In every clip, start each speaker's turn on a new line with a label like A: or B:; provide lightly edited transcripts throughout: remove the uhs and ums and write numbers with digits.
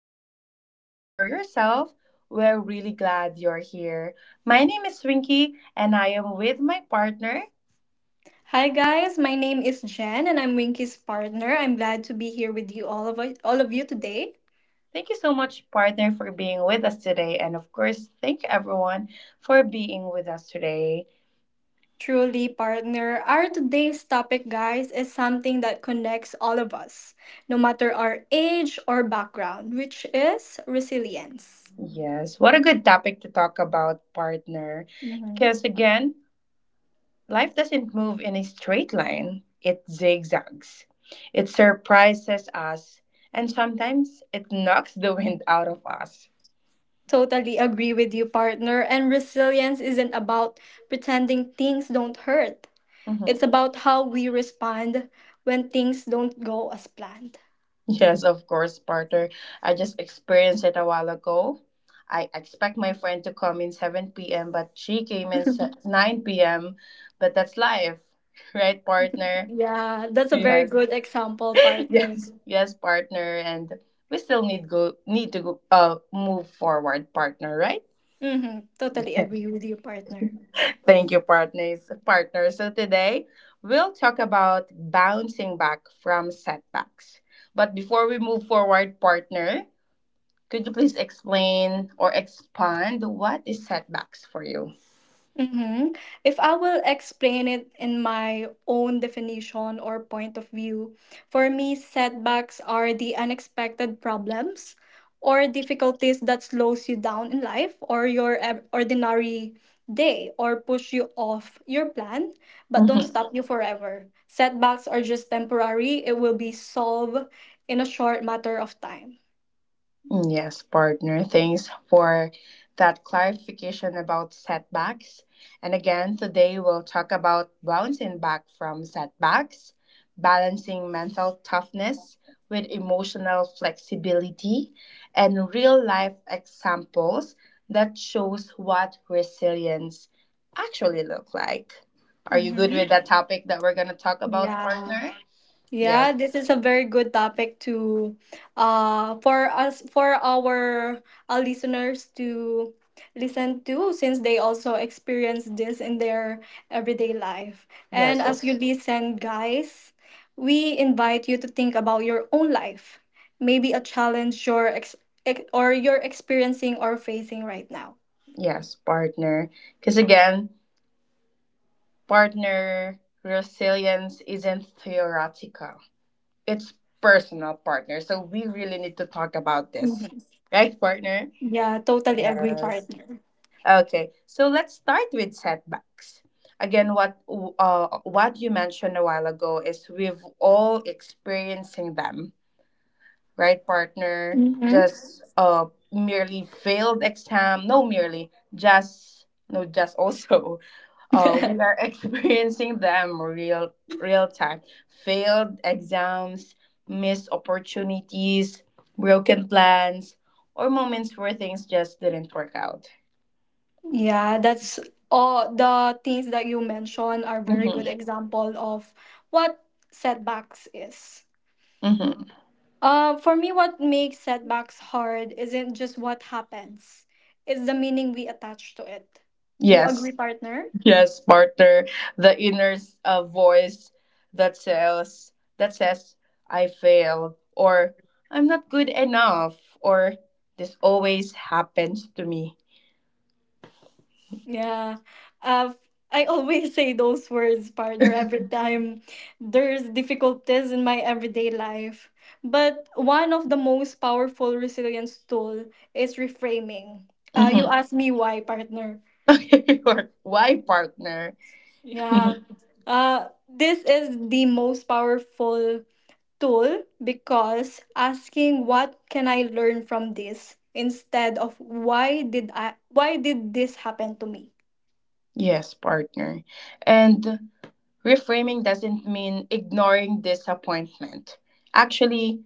A: a quiet moment for yourself, we're really glad you're here. My name is Rinky, and I am with my partner.
B: Hi guys, my name is Jen and I'm Winky's partner. I'm glad to be here with you all of you today.
A: Thank you so much, partner, for being with us today. And of course, thank everyone for being with us today.
B: Truly partner, our today's topic guys is something that connects all of us, no matter our age or background, which is resilience.
A: Yes, what a good topic to talk about, partner.
B: Mhm.
A: Because again, life doesn't move in a straight line, it zigzags. It surprises us, and sometimes it knocks the wind out of us.
B: Totally agree with you partner, and resilience isn't about pretending things don't hurt. It's
A: Mhm.
B: about how we respond when things don't go as planned.
A: Yes, of course, partner. I just experienced it a while ago. I expect my friend to come in 7 p.m., but she came in 9 p.m., but that's life, right, partner?
B: Yeah, that's a very
A: Yes.
B: good example, partner.
A: Yes, yes, partner. And we still need to go, move forward, partner, right?
B: Mm-hmm. Totally agree with you, partner.
A: Thank you, partners. Partners. So today we'll talk about bouncing back from setbacks. But before we move forward, partner, could you please explain or expand what is setbacks for you?
B: Mm-hmm. If I will explain it in my own definition or point of view, for me, setbacks are the unexpected problems or difficulties that slows you down in life or your ordinary day or push you off your plan but don't
A: Mm-hmm.
B: stop you forever. Setbacks are just temporary. It will be solved in a short matter of time.
A: Mm, yes, partner. Thanks for that clarification about setbacks. And again, today we'll talk about bouncing back from setbacks, balancing mental toughness with emotional flexibility, and real life examples that shows what resilience actually look like. Are you good with
B: Mm-hmm.
A: that topic that we're going to talk about,
B: Yeah.
A: partner?
B: Yeah,
A: Yes.
B: this is a very good topic to for us for our listeners to listen to since they also experience this in their everyday life. And
A: Yes. Oh,
B: as you listen, guys, we invite you to think about your own life. Maybe a challenge or you're experiencing or facing right now.
A: yes, partner. Because again, partner resilience isn't theoretical, it's personal, partner. So we really need to talk about this,
B: Mhm.
A: right, partner?
B: Yeah, totally agree,
A: Yes.
B: partner.
A: Okay, so let's start with setbacks. Again, what you mentioned a while ago is we've all experiencing them, right, partner?
B: Mm-hmm.
A: Just merely failed exam, no, merely just no, just also, oh, we are experiencing them real time. Failed exams, missed opportunities, broken plans, or moments where things just didn't work out.
B: Yeah, that's all the things that you mentioned are very good
A: Mm-hmm.
B: example of what setbacks is.
A: Mm-hmm.
B: For me, what makes setbacks hard isn't just what happens, it's the meaning we attach to it. Do you
A: Yes,
B: agree, partner?
A: yes, partner. The inner voice that says that says I failed, or I'm not good enough, or this always happens to me.
B: Yeah. Uh, I always say those words, partner, every time there's difficulties in my everyday life. But one of the most powerful resilience tool is reframing. You
A: Mm-hmm.
B: ask me why, partner.
A: Okay, or why partner?
B: Yeah. This is the most powerful tool because asking what can I learn from this instead of why did this happen to me?
A: Yes, partner. And reframing doesn't mean ignoring disappointment. Actually,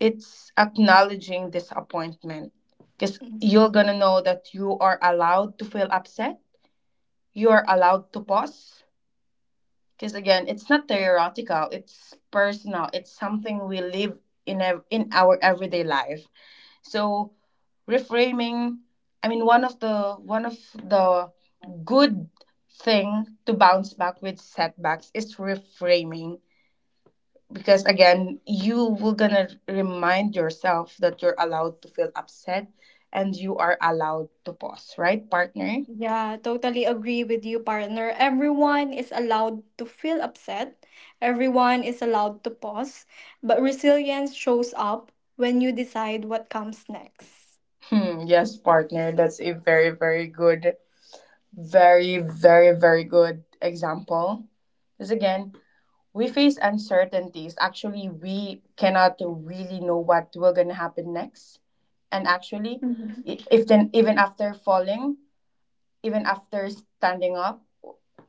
A: it's acknowledging disappointment, because
B: Mm-hmm.
A: you're going to know that you are allowed to feel upset. You are allowed to pause. Because again, it's not theoretical, it's personal. It's something we live in, in our everyday life. So reframing, I mean, one of the good thing to bounce back with setbacks is reframing, because again you will gonna remind yourself that you're allowed to feel upset and you are allowed to pause, right, partner?
B: Yeah, totally agree with you, partner. Everyone is allowed to feel upset. Everyone is allowed to pause. But resilience shows up when you decide what comes next.
A: Hmm, yes, partner. That's a very, very good, very, very, very good example. Because again, we face uncertainties. Actually, we cannot really know what will gonna happen next. And actually,
B: Mm-hmm.
A: I- if then even after falling, even after standing up,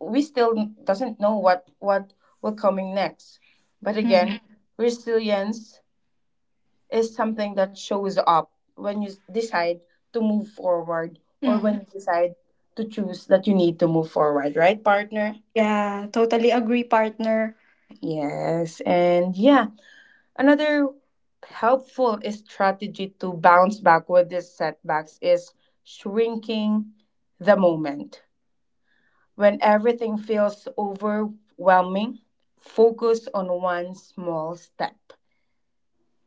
A: we still doesn't know what will coming next. But again,
B: Mm-hmm.
A: resilience is something that shows up when you decide to move forward, or when
B: Hmm.
A: you decide to choose that you need to move forward, right, partner?
B: Yeah, totally agree, partner.
A: Yes, and yeah. Another helpful strategy to bounce back with these setbacks is shrinking the moment. When everything feels overwhelming, focus on one small step.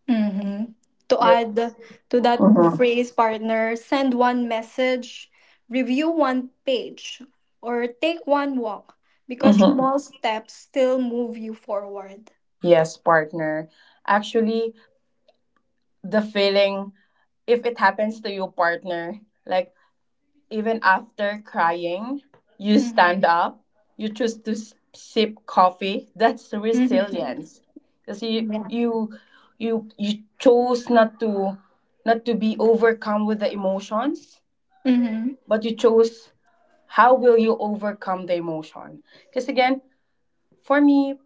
B: Mm-hmm. To
A: Yep.
B: add to that
A: Mhm.
B: phrase, partner, send one message, review one page, or take one walk because
A: Mhm.
B: small steps still move you forward.
A: Yes, partner. Actually, the feeling, if it happens to you, partner, like, even after crying, you
B: Mm-hmm.
A: stand up, you choose to sip coffee. That's resilience. Because you,
B: Yeah.
A: you, you, you chose not to, not to be overcome with the emotions,
B: Mm-hmm.
A: but you chose how will you overcome the emotion. Because again, for me,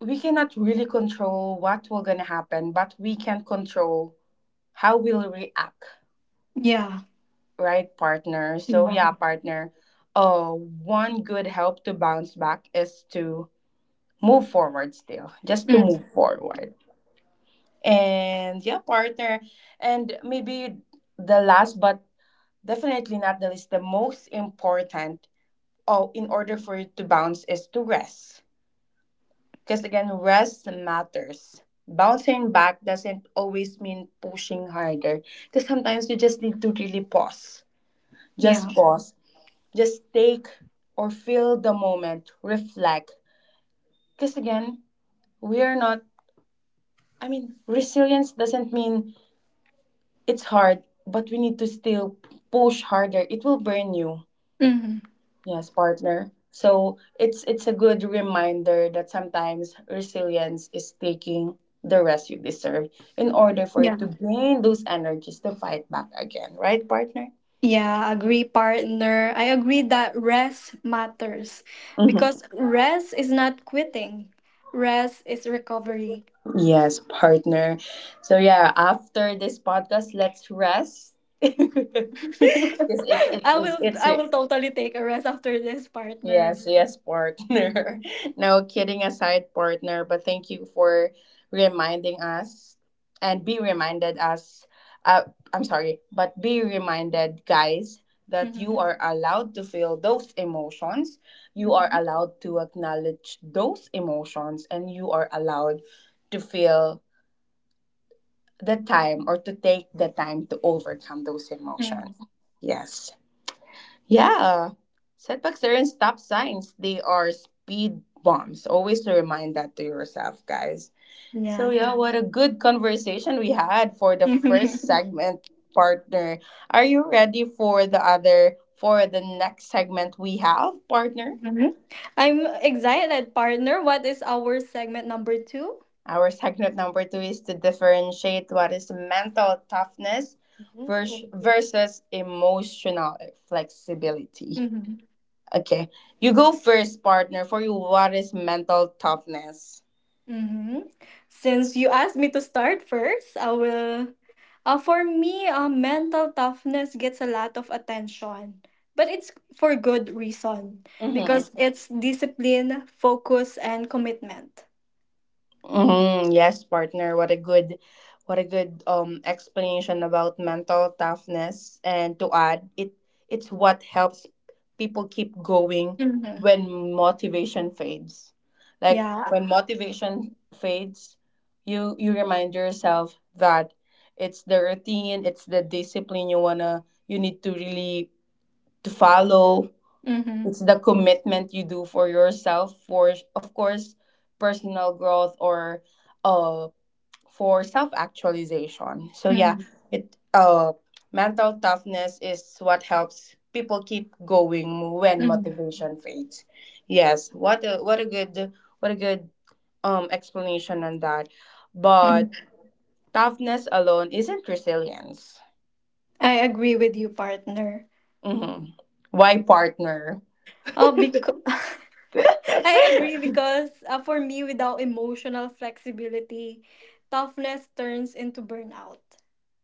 A: we cannot really control what will gonna happen, but we can control how we'll react,
B: Yeah.
A: right, partner. So,
B: Yeah.
A: yeah, partner. One good help to bounce back is to move forward still, just to
B: Mm.
A: move forward. And yeah, partner. And maybe the last, but definitely not the least, the most important, oh, in order for you to bounce is to rest. Because again, rest matters. Bouncing back doesn't always mean pushing harder, because sometimes you just need to really pause. Just
B: Yeah.
A: pause, just take or feel the moment, reflect. Because again, we are not, I mean, resilience doesn't mean it's hard, but we need to still push harder. It will burn you.
B: Mm-hmm.
A: Yes, partner. So it's a good reminder that sometimes resilience is taking the rest you deserve in order for
B: Yeah.
A: it to gain those energies to fight back again, right, partner?
B: Yeah, agree, partner. I agree that rest matters
A: Mhm.
B: because rest is not quitting. Rest is recovery.
A: Yes, partner. So yeah, after this podcast, let's rest. Because
B: I will
A: it's
B: I will totally take a rest after this, partner.
A: yes, yes partner. No kidding aside, partner. But thank you for reminding us and be reminded us. I'm sorry, but be reminded, guys, that you
B: Mm-hmm.
A: are allowed to feel those emotions. You are
B: Mm-hmm.
A: allowed to acknowledge those emotions, and you are allowed to feel the time or to take the time to overcome those emotions.
B: Mm-hmm.
A: Yes. Yeah. Setbacks aren't stop signs, they are speed bumps. Always remind that to yourself, guys. So,
B: Yeah.
A: yeah, what a good conversation we had for the first segment, partner. Are you ready for the other, for the next segment we have, partner?
B: Mhm. I'm excited, partner. What is our segment number two?
A: Our segment number two is to differentiate what is mental toughness versus emotional flexibility.
B: Mm-hmm.
A: Okay, you go first, partner. For you, what is mental toughness?
B: Mm-hmm. Since you asked me to start first, I will. Mental toughness gets a lot of attention, but it's for good reason
A: Mm-hmm.
B: because it's discipline, focus, and commitment.
A: Mm, yes, partner. What a good explanation about mental toughness. And to add, it's what helps people keep going
B: Mm-hmm.
A: when motivation fades. Like
B: Yeah.
A: when motivation fades, you remind yourself that it's the routine, it's the discipline you wanna you need to really to follow.
B: Mm-hmm.
A: It's the commitment you do for yourself for, of course, personal growth, or uh for self actualization. So yeah,
B: Mm-hmm.
A: it mental toughness is what helps people keep going when
B: Mm-hmm.
A: motivation fades. Yes, what a good explanation on that, but
B: Hmm.
A: toughness alone isn't resilience.
B: I agree with you, partner.
A: Mm-hmm. Why, partner?
B: Oh, because. I agree because for me, without emotional flexibility, toughness turns into burnout.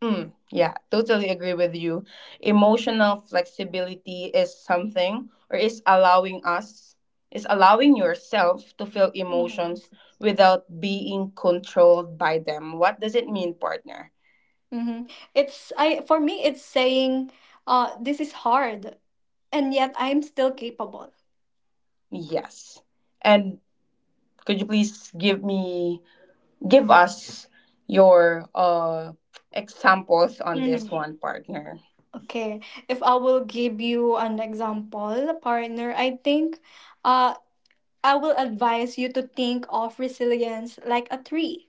A: Mm, yeah, totally agree with you. Emotional flexibility is something, or is allowing us, is allowing yourself to feel emotions without being controlled by them. What does it mean, partner?
B: Mm-hmm. It's I for me it's saying this is hard and yet I'm still capable.
A: Yes. And could you please give me, give us your examples on this
B: Mm-hmm.
A: one, partner?
B: Okay. If I will give you an example, partner, I think uh I will advise you to think of resilience like a tree.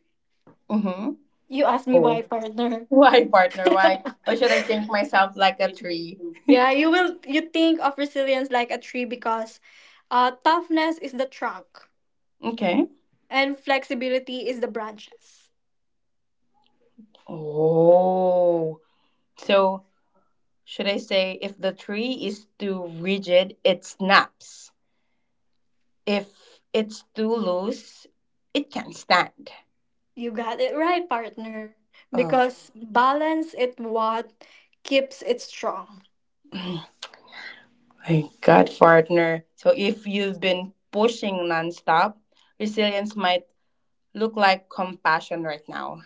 A: Mm-hmm.
B: You ask me
A: Oh.
B: why, partner.
A: Why, partner? Why? Why should I think myself like a tree?
B: Yeah, you think of resilience like a tree because toughness is the trunk
A: Okay.
B: and flexibility is the branches.
A: Oh, so should I say if the tree is too rigid, it snaps. If it's too loose, it can stand.
B: You got it right, partner.
A: Oh,
B: Because balance it what keeps it strong.
A: my God, partner. So if you've been pushing nonstop, resilience might look like compassion right now.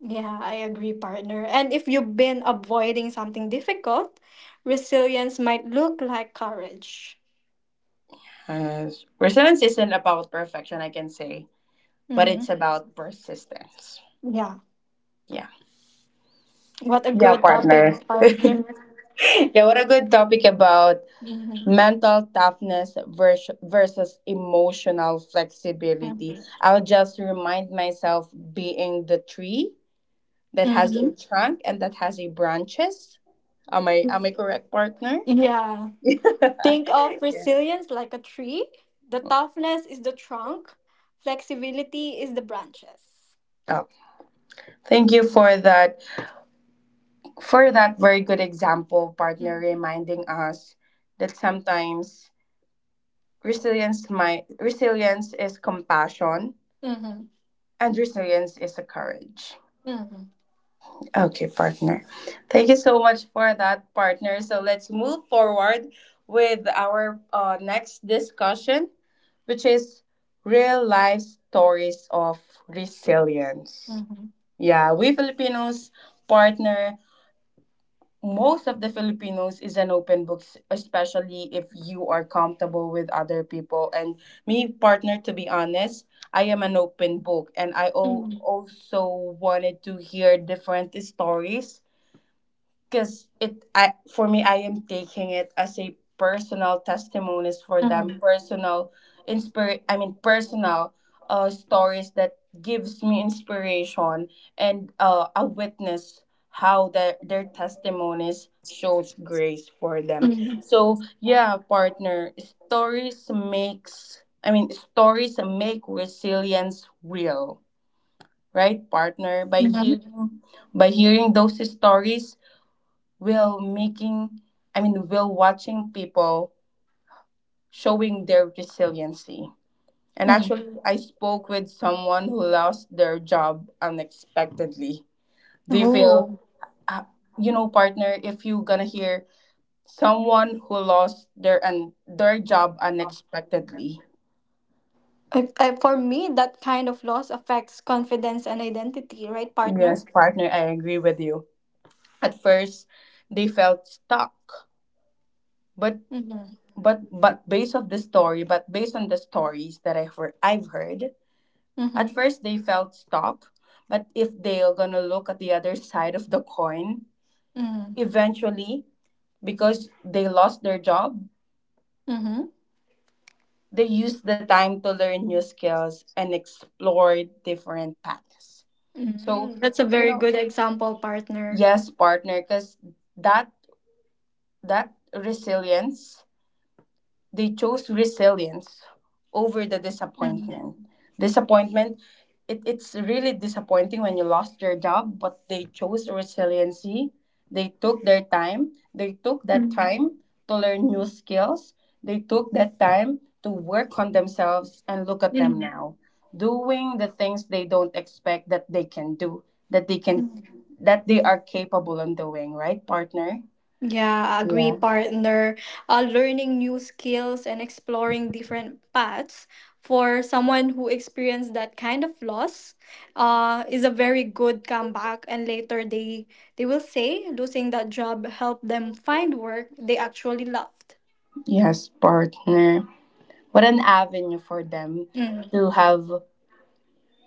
B: Yeah, I agree, partner. And if you've been avoiding something difficult, resilience might look like courage.
A: As resilience isn't about perfection, I can say, but it's
B: Mm-hmm.
A: about persistence.
B: Yeah.
A: Yeah.
B: What a
A: Yeah,
B: good topic,
A: partner.
B: partner.
A: Yeah, what a good topic about
B: Mm-hmm.
A: mental toughness versus emotional flexibility.
B: Mm-hmm.
A: I'll just remind myself being the tree that has
B: Mm-hmm.
A: a trunk and that has a branches. Am I correct, partner?
B: Yeah.
A: Yeah.
B: Think of resilience like a tree. The toughness is the trunk, flexibility is the branches.
A: Oh, thank you for that very good example, partner,
B: Mm-hmm.
A: reminding us that sometimes resilience, my resilience is compassion,
B: Mm-hmm.
A: and resilience is a courage.
B: Mm-hmm.
A: Okay, partner. Thank you so much for that, partner. So let's move forward with our next discussion, which is real life stories of resilience.
B: Mm-hmm.
A: Yeah, we Filipinos, partner, most of the Filipinos is an open book, especially if you are comfortable with other people. And me, partner, to be honest, I am an open book, and I
B: Mm,
A: also wanted to hear different stories, because it I for me I am taking it as a personal testimonies for them,
B: mhm,
A: personal inspir. I mean personal stories that gives me inspiration and a witness how their testimonies shows grace for them.
B: mhm,
A: So yeah, partner, stories makes I mean stories make resilience real, right, partner? By
B: mhm,
A: hearing, those stories while making, I mean, while watching people showing their resiliency. And
B: mm.
A: actually, I spoke with someone who lost their job unexpectedly. Do you feel,
B: Oh,
A: uh, you know, partner, if you gonna hear someone who lost their job unexpectedly?
B: for me, that kind of loss affects confidence and identity, right, partner?
A: Yes, partner, I agree with you. At first, they felt stuck, but
B: Mm-hmm.
A: but based of the story, but based on the stories that I've heard, at
B: Mm-hmm.
A: first, they felt stuck, but if they're gonna look at the other side of the coin,
B: Mm-hmm.
A: eventually, because they lost their job,
B: Mm-hmm.
A: they used the time to learn new skills and explore different paths. So,
B: Mm, that's a
A: you
B: very
A: know,
B: good example, partner.
A: yes, partner, because that that resilience they chose resilience over the
B: Mm-hmm.
A: disappointment. Disappointment, it's really disappointing when you lost your job, but they chose resiliency. They took their time. They took that
B: Mm-hmm.
A: time to learn new skills. They took that time to work on themselves and look at them now, doing the things they don't expect that they can do, that they can
B: Mm-hmm.
A: that they are capable of doing, right, partner?
B: Yeah, agree,
A: Yeah.
B: partner. Learning new skills and exploring different paths for someone who experienced that kind of loss is a very good comeback. And later they will say losing that job helped them find work they actually loved.
A: Yes, partner. What an avenue for them
B: Hmm.
A: to have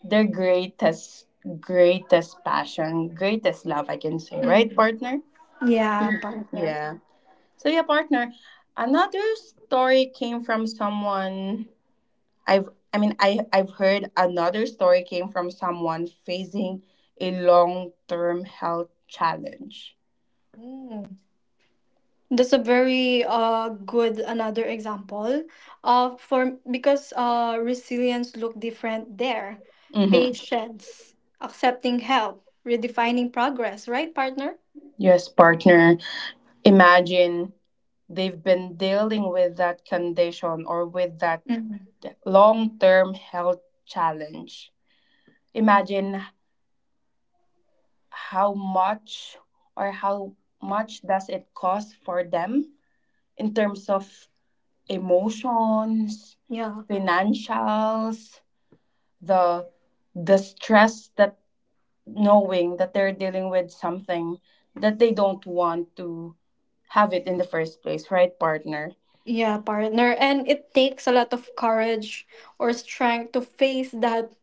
A: their greatest, greatest passion, greatest love, I can say, right,
B: Hmm.
A: partner?
B: Yeah, partner.
A: Yeah. So yeah, partner, another story came from someone, I've I mean I I've heard another story came from someone facing a long-term health challenge.
B: Mm. That's a very good another example for because resilience look different there.
A: Mm-hmm.
B: Patience, accepting help, redefining progress, right, partner?
A: Yes, partner. Imagine they've been dealing with that condition or with that
B: Mhm.
A: long term health challenge. Imagine how much or how much does it cost for them in terms of emotions,
B: Yeah.
A: financials, the the stress that knowing that they're dealing with something that they don't want to have it in the first place, right, partner?
B: Yeah, partner. And it takes a lot of courage or strength to face that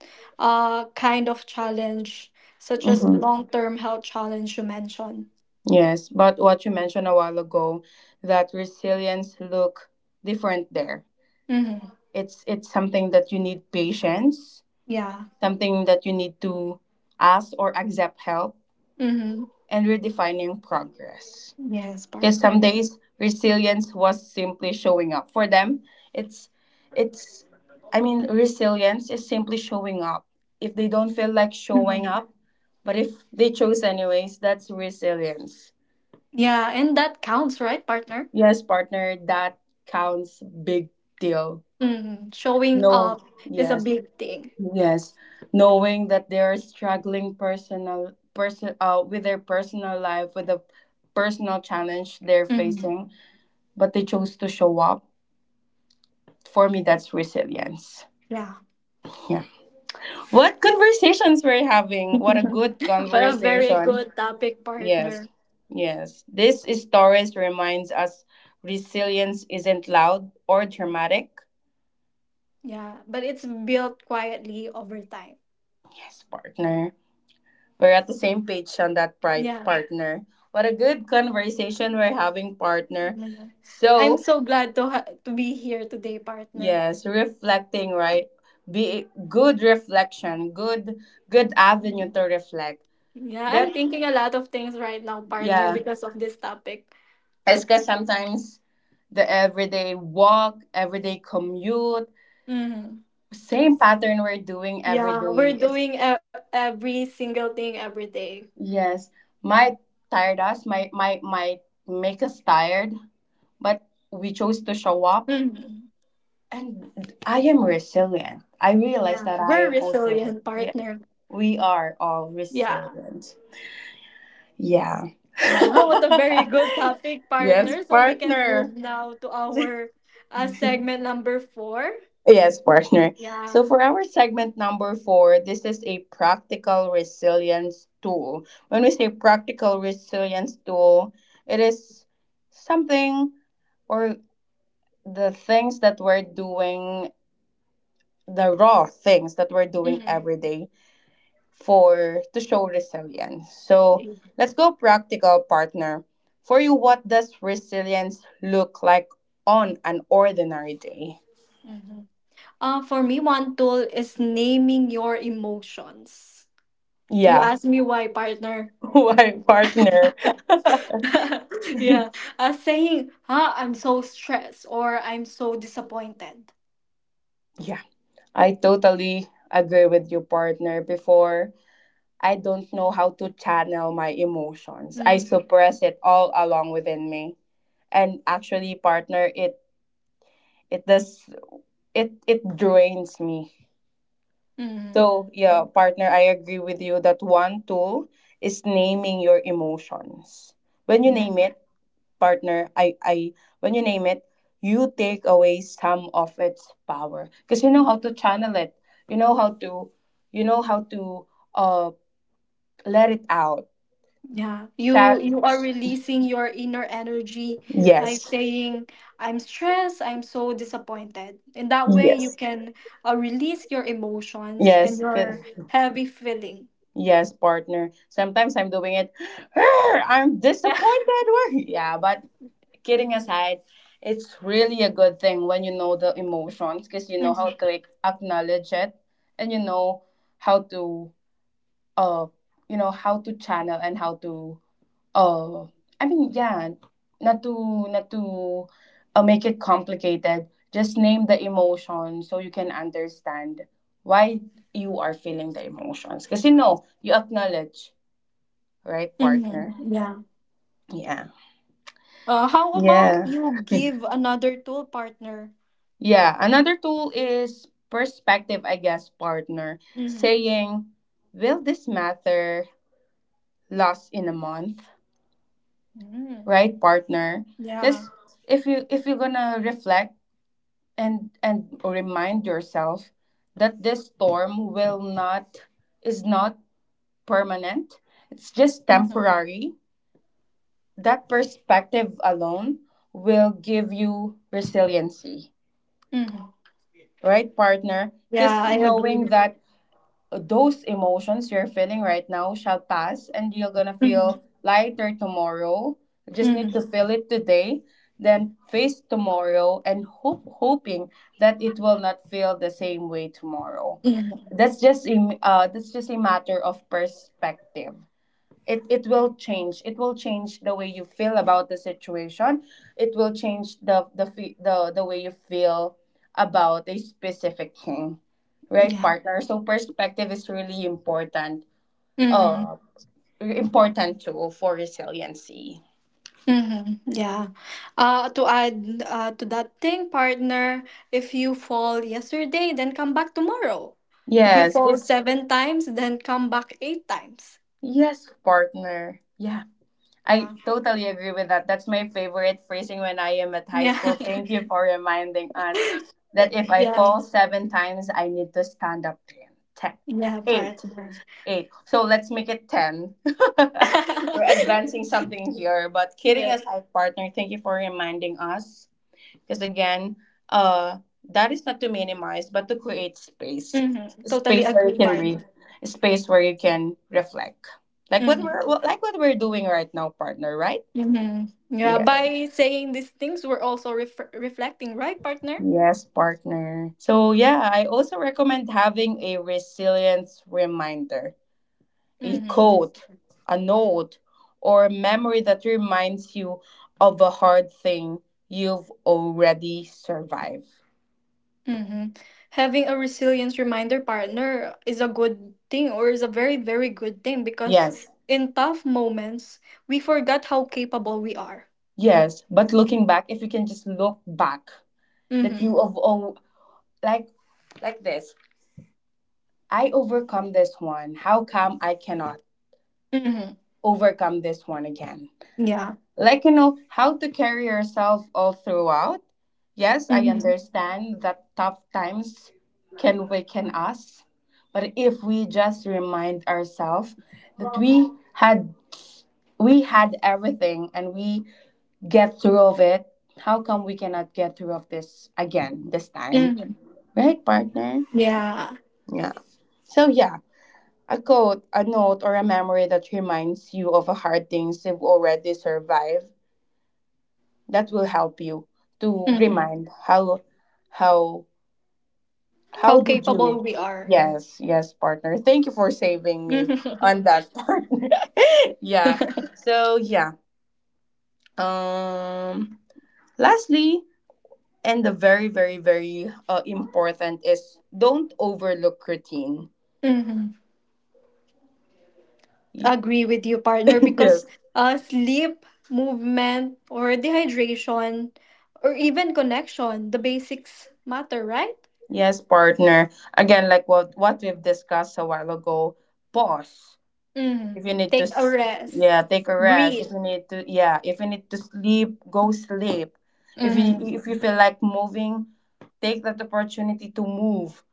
B: kind of challenge, such as
A: Hmm.
B: long term health challenge you mentioned.
A: Yes, but what you mentioned a while ago, that resilience look different there.
B: Mm-hmm.
A: It's something that you need patience,
B: Yeah.
A: something that you need to ask or accept help,
B: Mm-hmm.
A: and redefining progress.
B: Yes,
A: Because
B: partner.
A: some days resilience was simply showing up. For them, it's it's I mean resilience is simply showing up. If they don't feel like showing
B: Mm-hmm.
A: up, but if they chose anyways, that's resilience.
B: Yeah, and that counts, right, partner?
A: Yes, partner, that counts big deal.
B: Hmm. Showing
A: No,
B: up is a
A: yes.
B: big thing.
A: Yes, knowing that they are struggling personal person with their personal life with the personal challenge they're
B: Hmm.
A: facing, but they chose to show up. For me, that's resilience.
B: Yeah.
A: Yeah. What conversations we're having? What a good
B: But a very
A: conversation.
B: good topic,
A: Yes.
B: partner.
A: Yes. This stories reminds us resilience isn't loud or dramatic.
B: Yeah, but it's built quietly over time.
A: Yes, partner. We're at the same page on that
B: Yeah.
A: partner. What a good conversation we're having, partner.
B: Mhm. I'm
A: So,
B: so glad to to be here today, partner.
A: yes, reflecting, right? Be good reflection, good avenue
B: Mhm.
A: to reflect.
B: Yeah, I'm
A: That
B: thinking a lot of things right now, partner,
A: yeah,
B: because of this topic.
A: it's because sometimes the everyday walk, everyday commute,
B: Hmm.
A: same pattern we're doing every
B: Yeah,
A: day
B: we're
A: is,
B: doing every single thing every day.
A: yes, might tired us, might make us tired, but we chose to show up. And I am resilient. I realize
B: Yeah,
A: that I
B: we're
A: am also,
B: resilient
A: yes,
B: partner.
A: we are all
B: Yeah.
A: resilient. Yeah. Yes, partner. Yes, partner. So, for our segment number four, this is a practical resilience tool. When we say practical resilience tool, it is something or the things that we're doing, the raw things that we're doing every day for to show resilience. So let's go practical, partner. For you, what does resilience look like on an ordinary day? Yeah. Why, partner? Yeah, I totally agree with you, partner. Before, I don't know how to channel my emotions. I suppress it all along within me. And actually, partner, it does it it drains me. So, yeah, partner, I agree with you that one tool is naming your emotions. When you name it, partner, I when you name it, you take away some of its power because you know how to channel it. You know how to you know how to uh let it out. Chat. Yes. Yes. Yes. Yes, partner. Sometimes I'm doing it. "Arr, I'm disappointed." Yeah, but kidding aside, it's really a good thing when you know the emotions because you know how to, like, acknowledge it, and you know how to uh you know how to channel, and how to, uh I mean, yeah, not to make it complicated, just name the emotion so you can understand why you are feeling the emotions, because you know, you acknowledge, right, partner? Yeah. Yeah. Yeah, another tool is perspective, I guess, partner. Saying, will this matter last in a month? Right, partner? Because if you're gonna reflect and remind yourself that this storm will not is not permanent, it's just temporary. That perspective alone will give you resiliency, right, partner? Because knowing that those emotions you're feeling right now shall pass and you're gonna feel lighter tomorrow, you just need to feel it today, then face tomorrow and hope hoping that it will not feel the same way tomorrow. That's just a matter of perspective. It will change the way you feel about the situation. It will change the way you feel about a specific thing, right, partner? So perspective is really uh important tool for resiliency. Yes, if yes, partner. Yeah, I totally agree with that. That's my favorite phrasing when I am at high school. Thank you for reminding us that if I fall seven times, I need to stand up again. 10, eight, eight. So let's make it 10. We're advancing something here. But kidding aside, partner, thank you for reminding us. Because again, uh, that is not to minimize, but to create space, space where you can breathe, space where you can reflect, like what we're doing right now, partner. Right? Yeah. Yes, partner. So yeah, I also recommend having a resilience reminder, a quote, a note, or a memory that reminds you of a hard thing you've already survived. Yes. Yes, but looking back, if you can just look back, that you of, oh, like like this, I overcome this one. How come I cannot overcome this one again? Like, you know how to carry yourself all throughout. Yes, I understand that tough times can weaken us, but if we just remind ourselves that we had everything and we get through of it, how come we cannot get through of this again this time, right, partner? Yeah. So yeah, a quote, a note, or a memory that reminds you of a hard things you've already survived, that will help you to remind how how how did you. Yes, yes, partner, thank you for saving me on that. Partner, yeah. So yeah, um lastly. And the very, very, very, important is, don't overlook routine. Y- yes. Yes, partner. Again, like what we've discussed a while ago, pause. If you need to, yeah, take a rest. If you need to, yeah, if you need to sleep, go sleep. If you feel like moving, take that opportunity to move.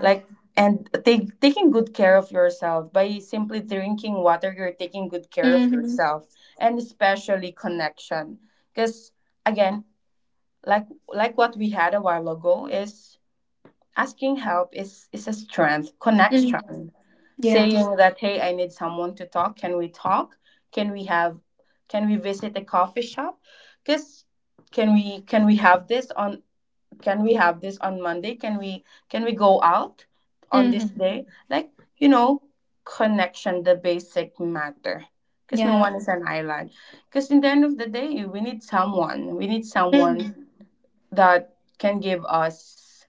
A: Like, and taking good care of yourself by simply drinking water, you're taking good care of yourself. And especially connection, because again, like what we had a while ago is, asking help is a strength, connection, saying that, hey, I need someone to talk, can we talk, can we have can we visit a coffee shop, because can we can we have this on can we have this on Monday, can we go out on this day, like, you know connection, the basic matter, because no one is an island, because in the end of the day, we need someone, we need someone that can give us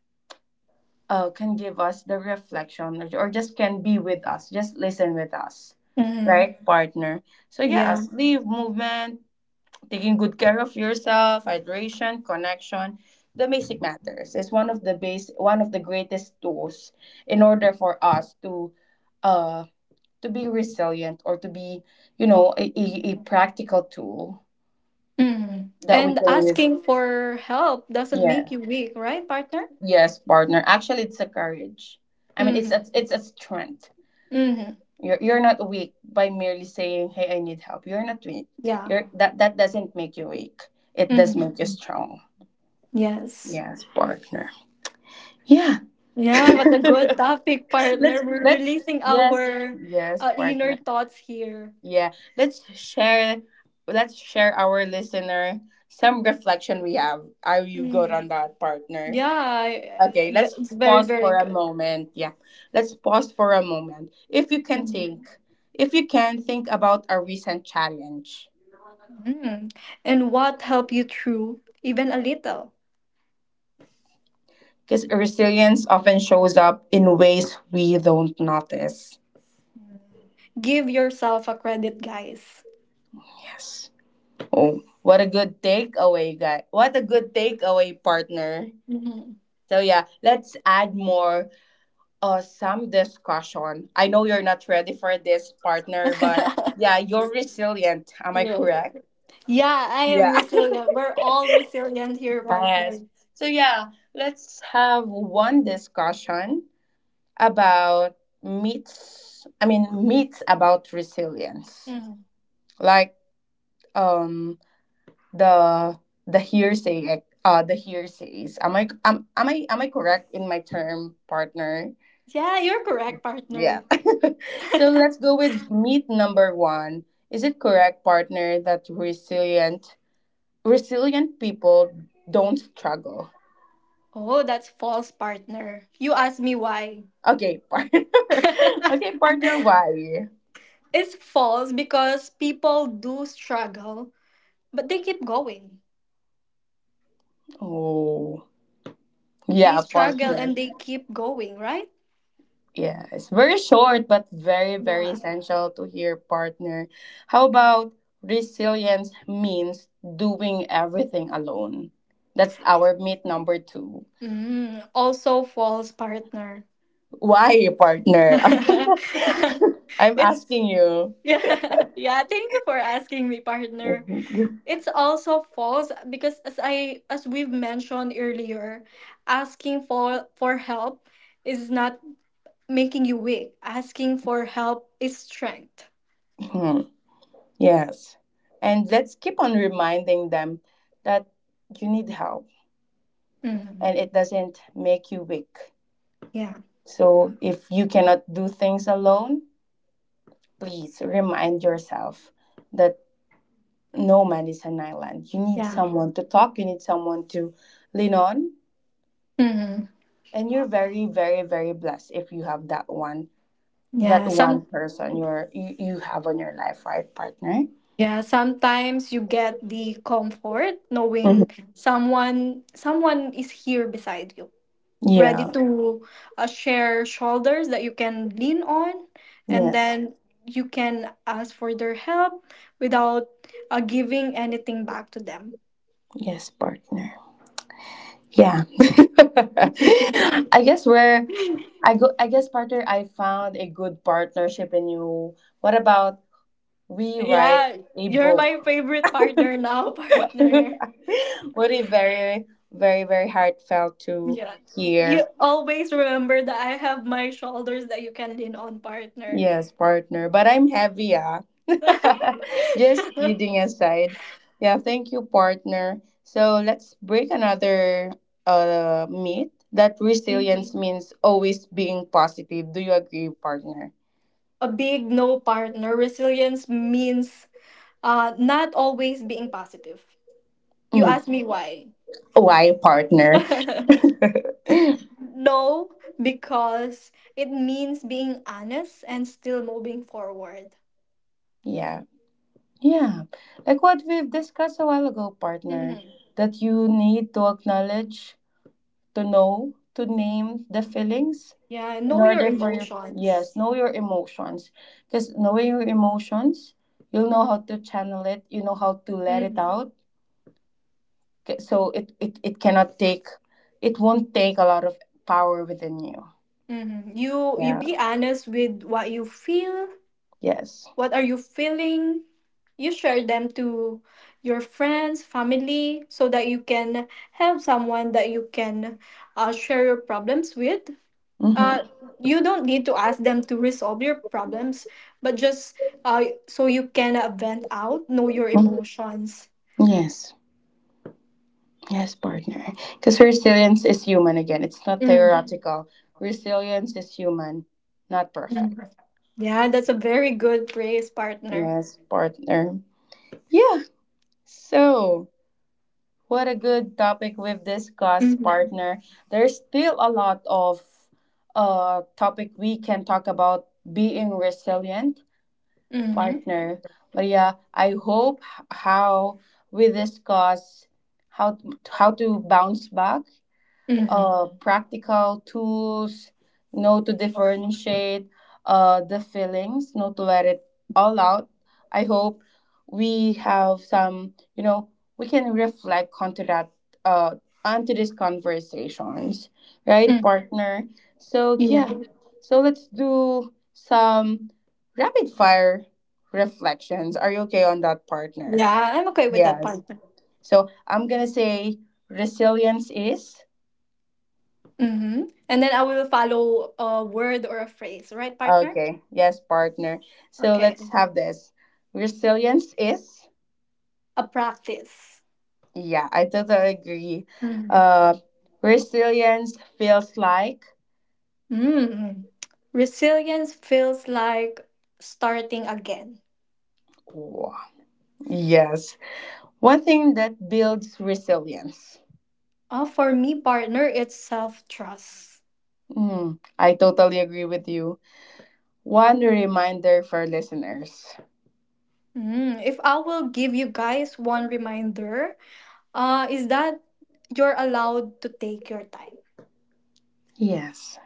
A: uh can give us the reflection, or just can be with us, just listen with us, right, partner? So yeah, sleeve, movement, taking good care of yourself, hydration, connection, the basic matters is one of the greatest tools in order for us uh to be resilient, or to be, a practical tool that we can use. Yeah. Yes, partner. Actually it's a courage. I mean, it's a strength. You're not weak by merely saying, "Hey, I need help." You're not weak. You're that that doesn't make you weak. It does make you strong. Yes, partner. Yeah. Let's Yes, yes, partner, yeah. let's share let's share our listener some reflection we have. Are you good on that, partner? Okay, let's pause for a moment. Yeah, let's pause for a moment. If you can think about a recent challenge, because resilience often shows up in ways we don't notice. Yes. Oh, what a good takeaway, guy. What a good takeaway, partner. So yeah, let's add more, some discussion. I know you're not ready for this, partner, but yeah, you're resilient. Am I correct? Yeah. Yes. So yeah, let's have one discussion about myths. I mean, myths about resilience. Like, um the the hearsay, like, the hearsays. Am I correct in my term, partner? Yeah. So let's go with myth number one. Is it correct, partner, that resilient people don't struggle? Okay, partner. Okay, partner, why? Oh, yeah, partner. Yeah, it's very short but very, very essential to hear, partner. How about, resilience means doing everything alone? That's our meet number two. Why, partner? I'm asking you. Mhm. Yes. And let's keep on reminding them that you need help, and it doesn't make you weak. So if you cannot do things alone, please remind yourself that no man is an island. You need someone to talk, you need someone to lean on. And you're very, very, very blessed if you have that one, person you have on your life, right, partner? Mhm. Yeah. Yes. Yes, partner. Yeah. I guess we're, I go I guess partner, I found a good partnership in you. What about we write a book? Would be very, very, very heartfelt to hear. Yes, partner. But I'm heavy, ah. Just kidding aside. Yeah, thank you, partner. So let's break another myth, that resilience means always being positive. Do you agree, partner? Mm. Why, partner? Yeah. Yeah. Like what we've discussed a while ago, partner, that you need to acknowledge, to know, to name the feelings in order for you, yes, know your emotions. Because knowing your emotions, you'll know how to channel it, you know how to let it out. So it cannot take, it won't take a lot of power within you. Yeah. Yes. Mm-hmm. Mm-hmm. Yes. Yes, partner. Because resilience is human again. It's not theoretical. Resilience is human, not perfect. Yes, partner. Yeah. So, what a good topic we've discussed, partner. There's still a lot of topic we can talk about being resilient, partner. But yeah, I hope how we discuss, how how to bounce back, practical tools, know to differentiate, the feelings, know to let it all out. I hope we have some, we can reflect onto that, uh, onto these conversations, right, partner? So, yeah, so let's do some rapid fire reflections. Are you okay on that, partner? Yes. So, I'm gonna say, resilience is. Okay, yes, partner. So let's have this. Resilience is, yeah, I totally agree. Uh, Resilience feels like, wow, yes, one thing that builds resilience. Mm, I totally agree with you. One reminder for listeners. Yes.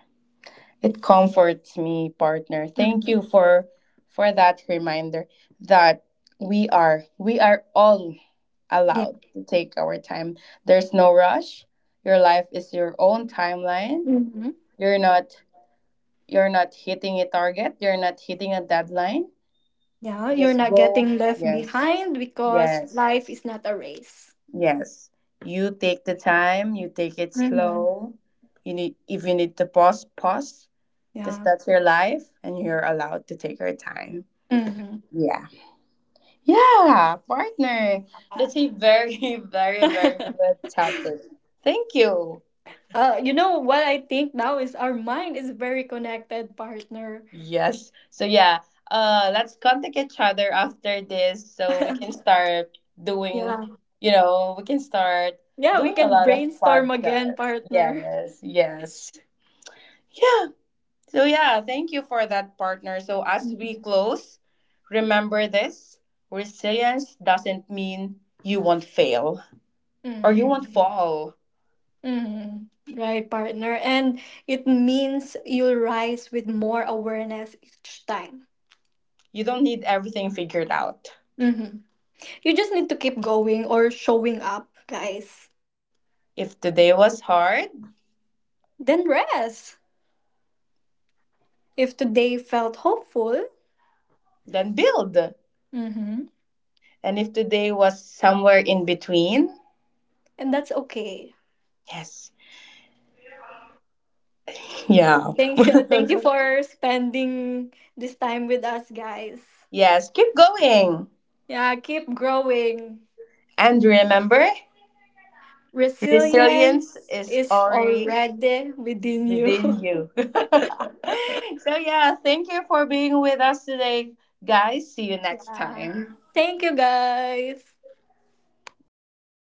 A: It comforts me, partner. Thank you for that reminder that we are all allowed to take our time. There's no rush. Your life is your own timeline. You're not you're not hitting a target. You're not hitting a deadline. Just go. Yes. Yes. Yes. You take the time, you take it slow. You need If you need to pause, pause, because that's your life and you're allowed to take your time. Yeah. Yeah, partner. That's a very, very, very good topic. Thank you. Yes. So yeah, let's contact each other after this so we can start doing, we can start doing a lot of podcasts. Yes, yes. Yeah. So yeah, thank you for that, partner. So as we close, remember this, resilience doesn't mean you won't fail or you won't fall. You don't need everything figured out. If today was hard, then build. And if today was somewhere in between, yes. Yeah. Yes, keep going. And remember, resilience is already within you. So, yeah, thank you for being with us today, guys. See you next time.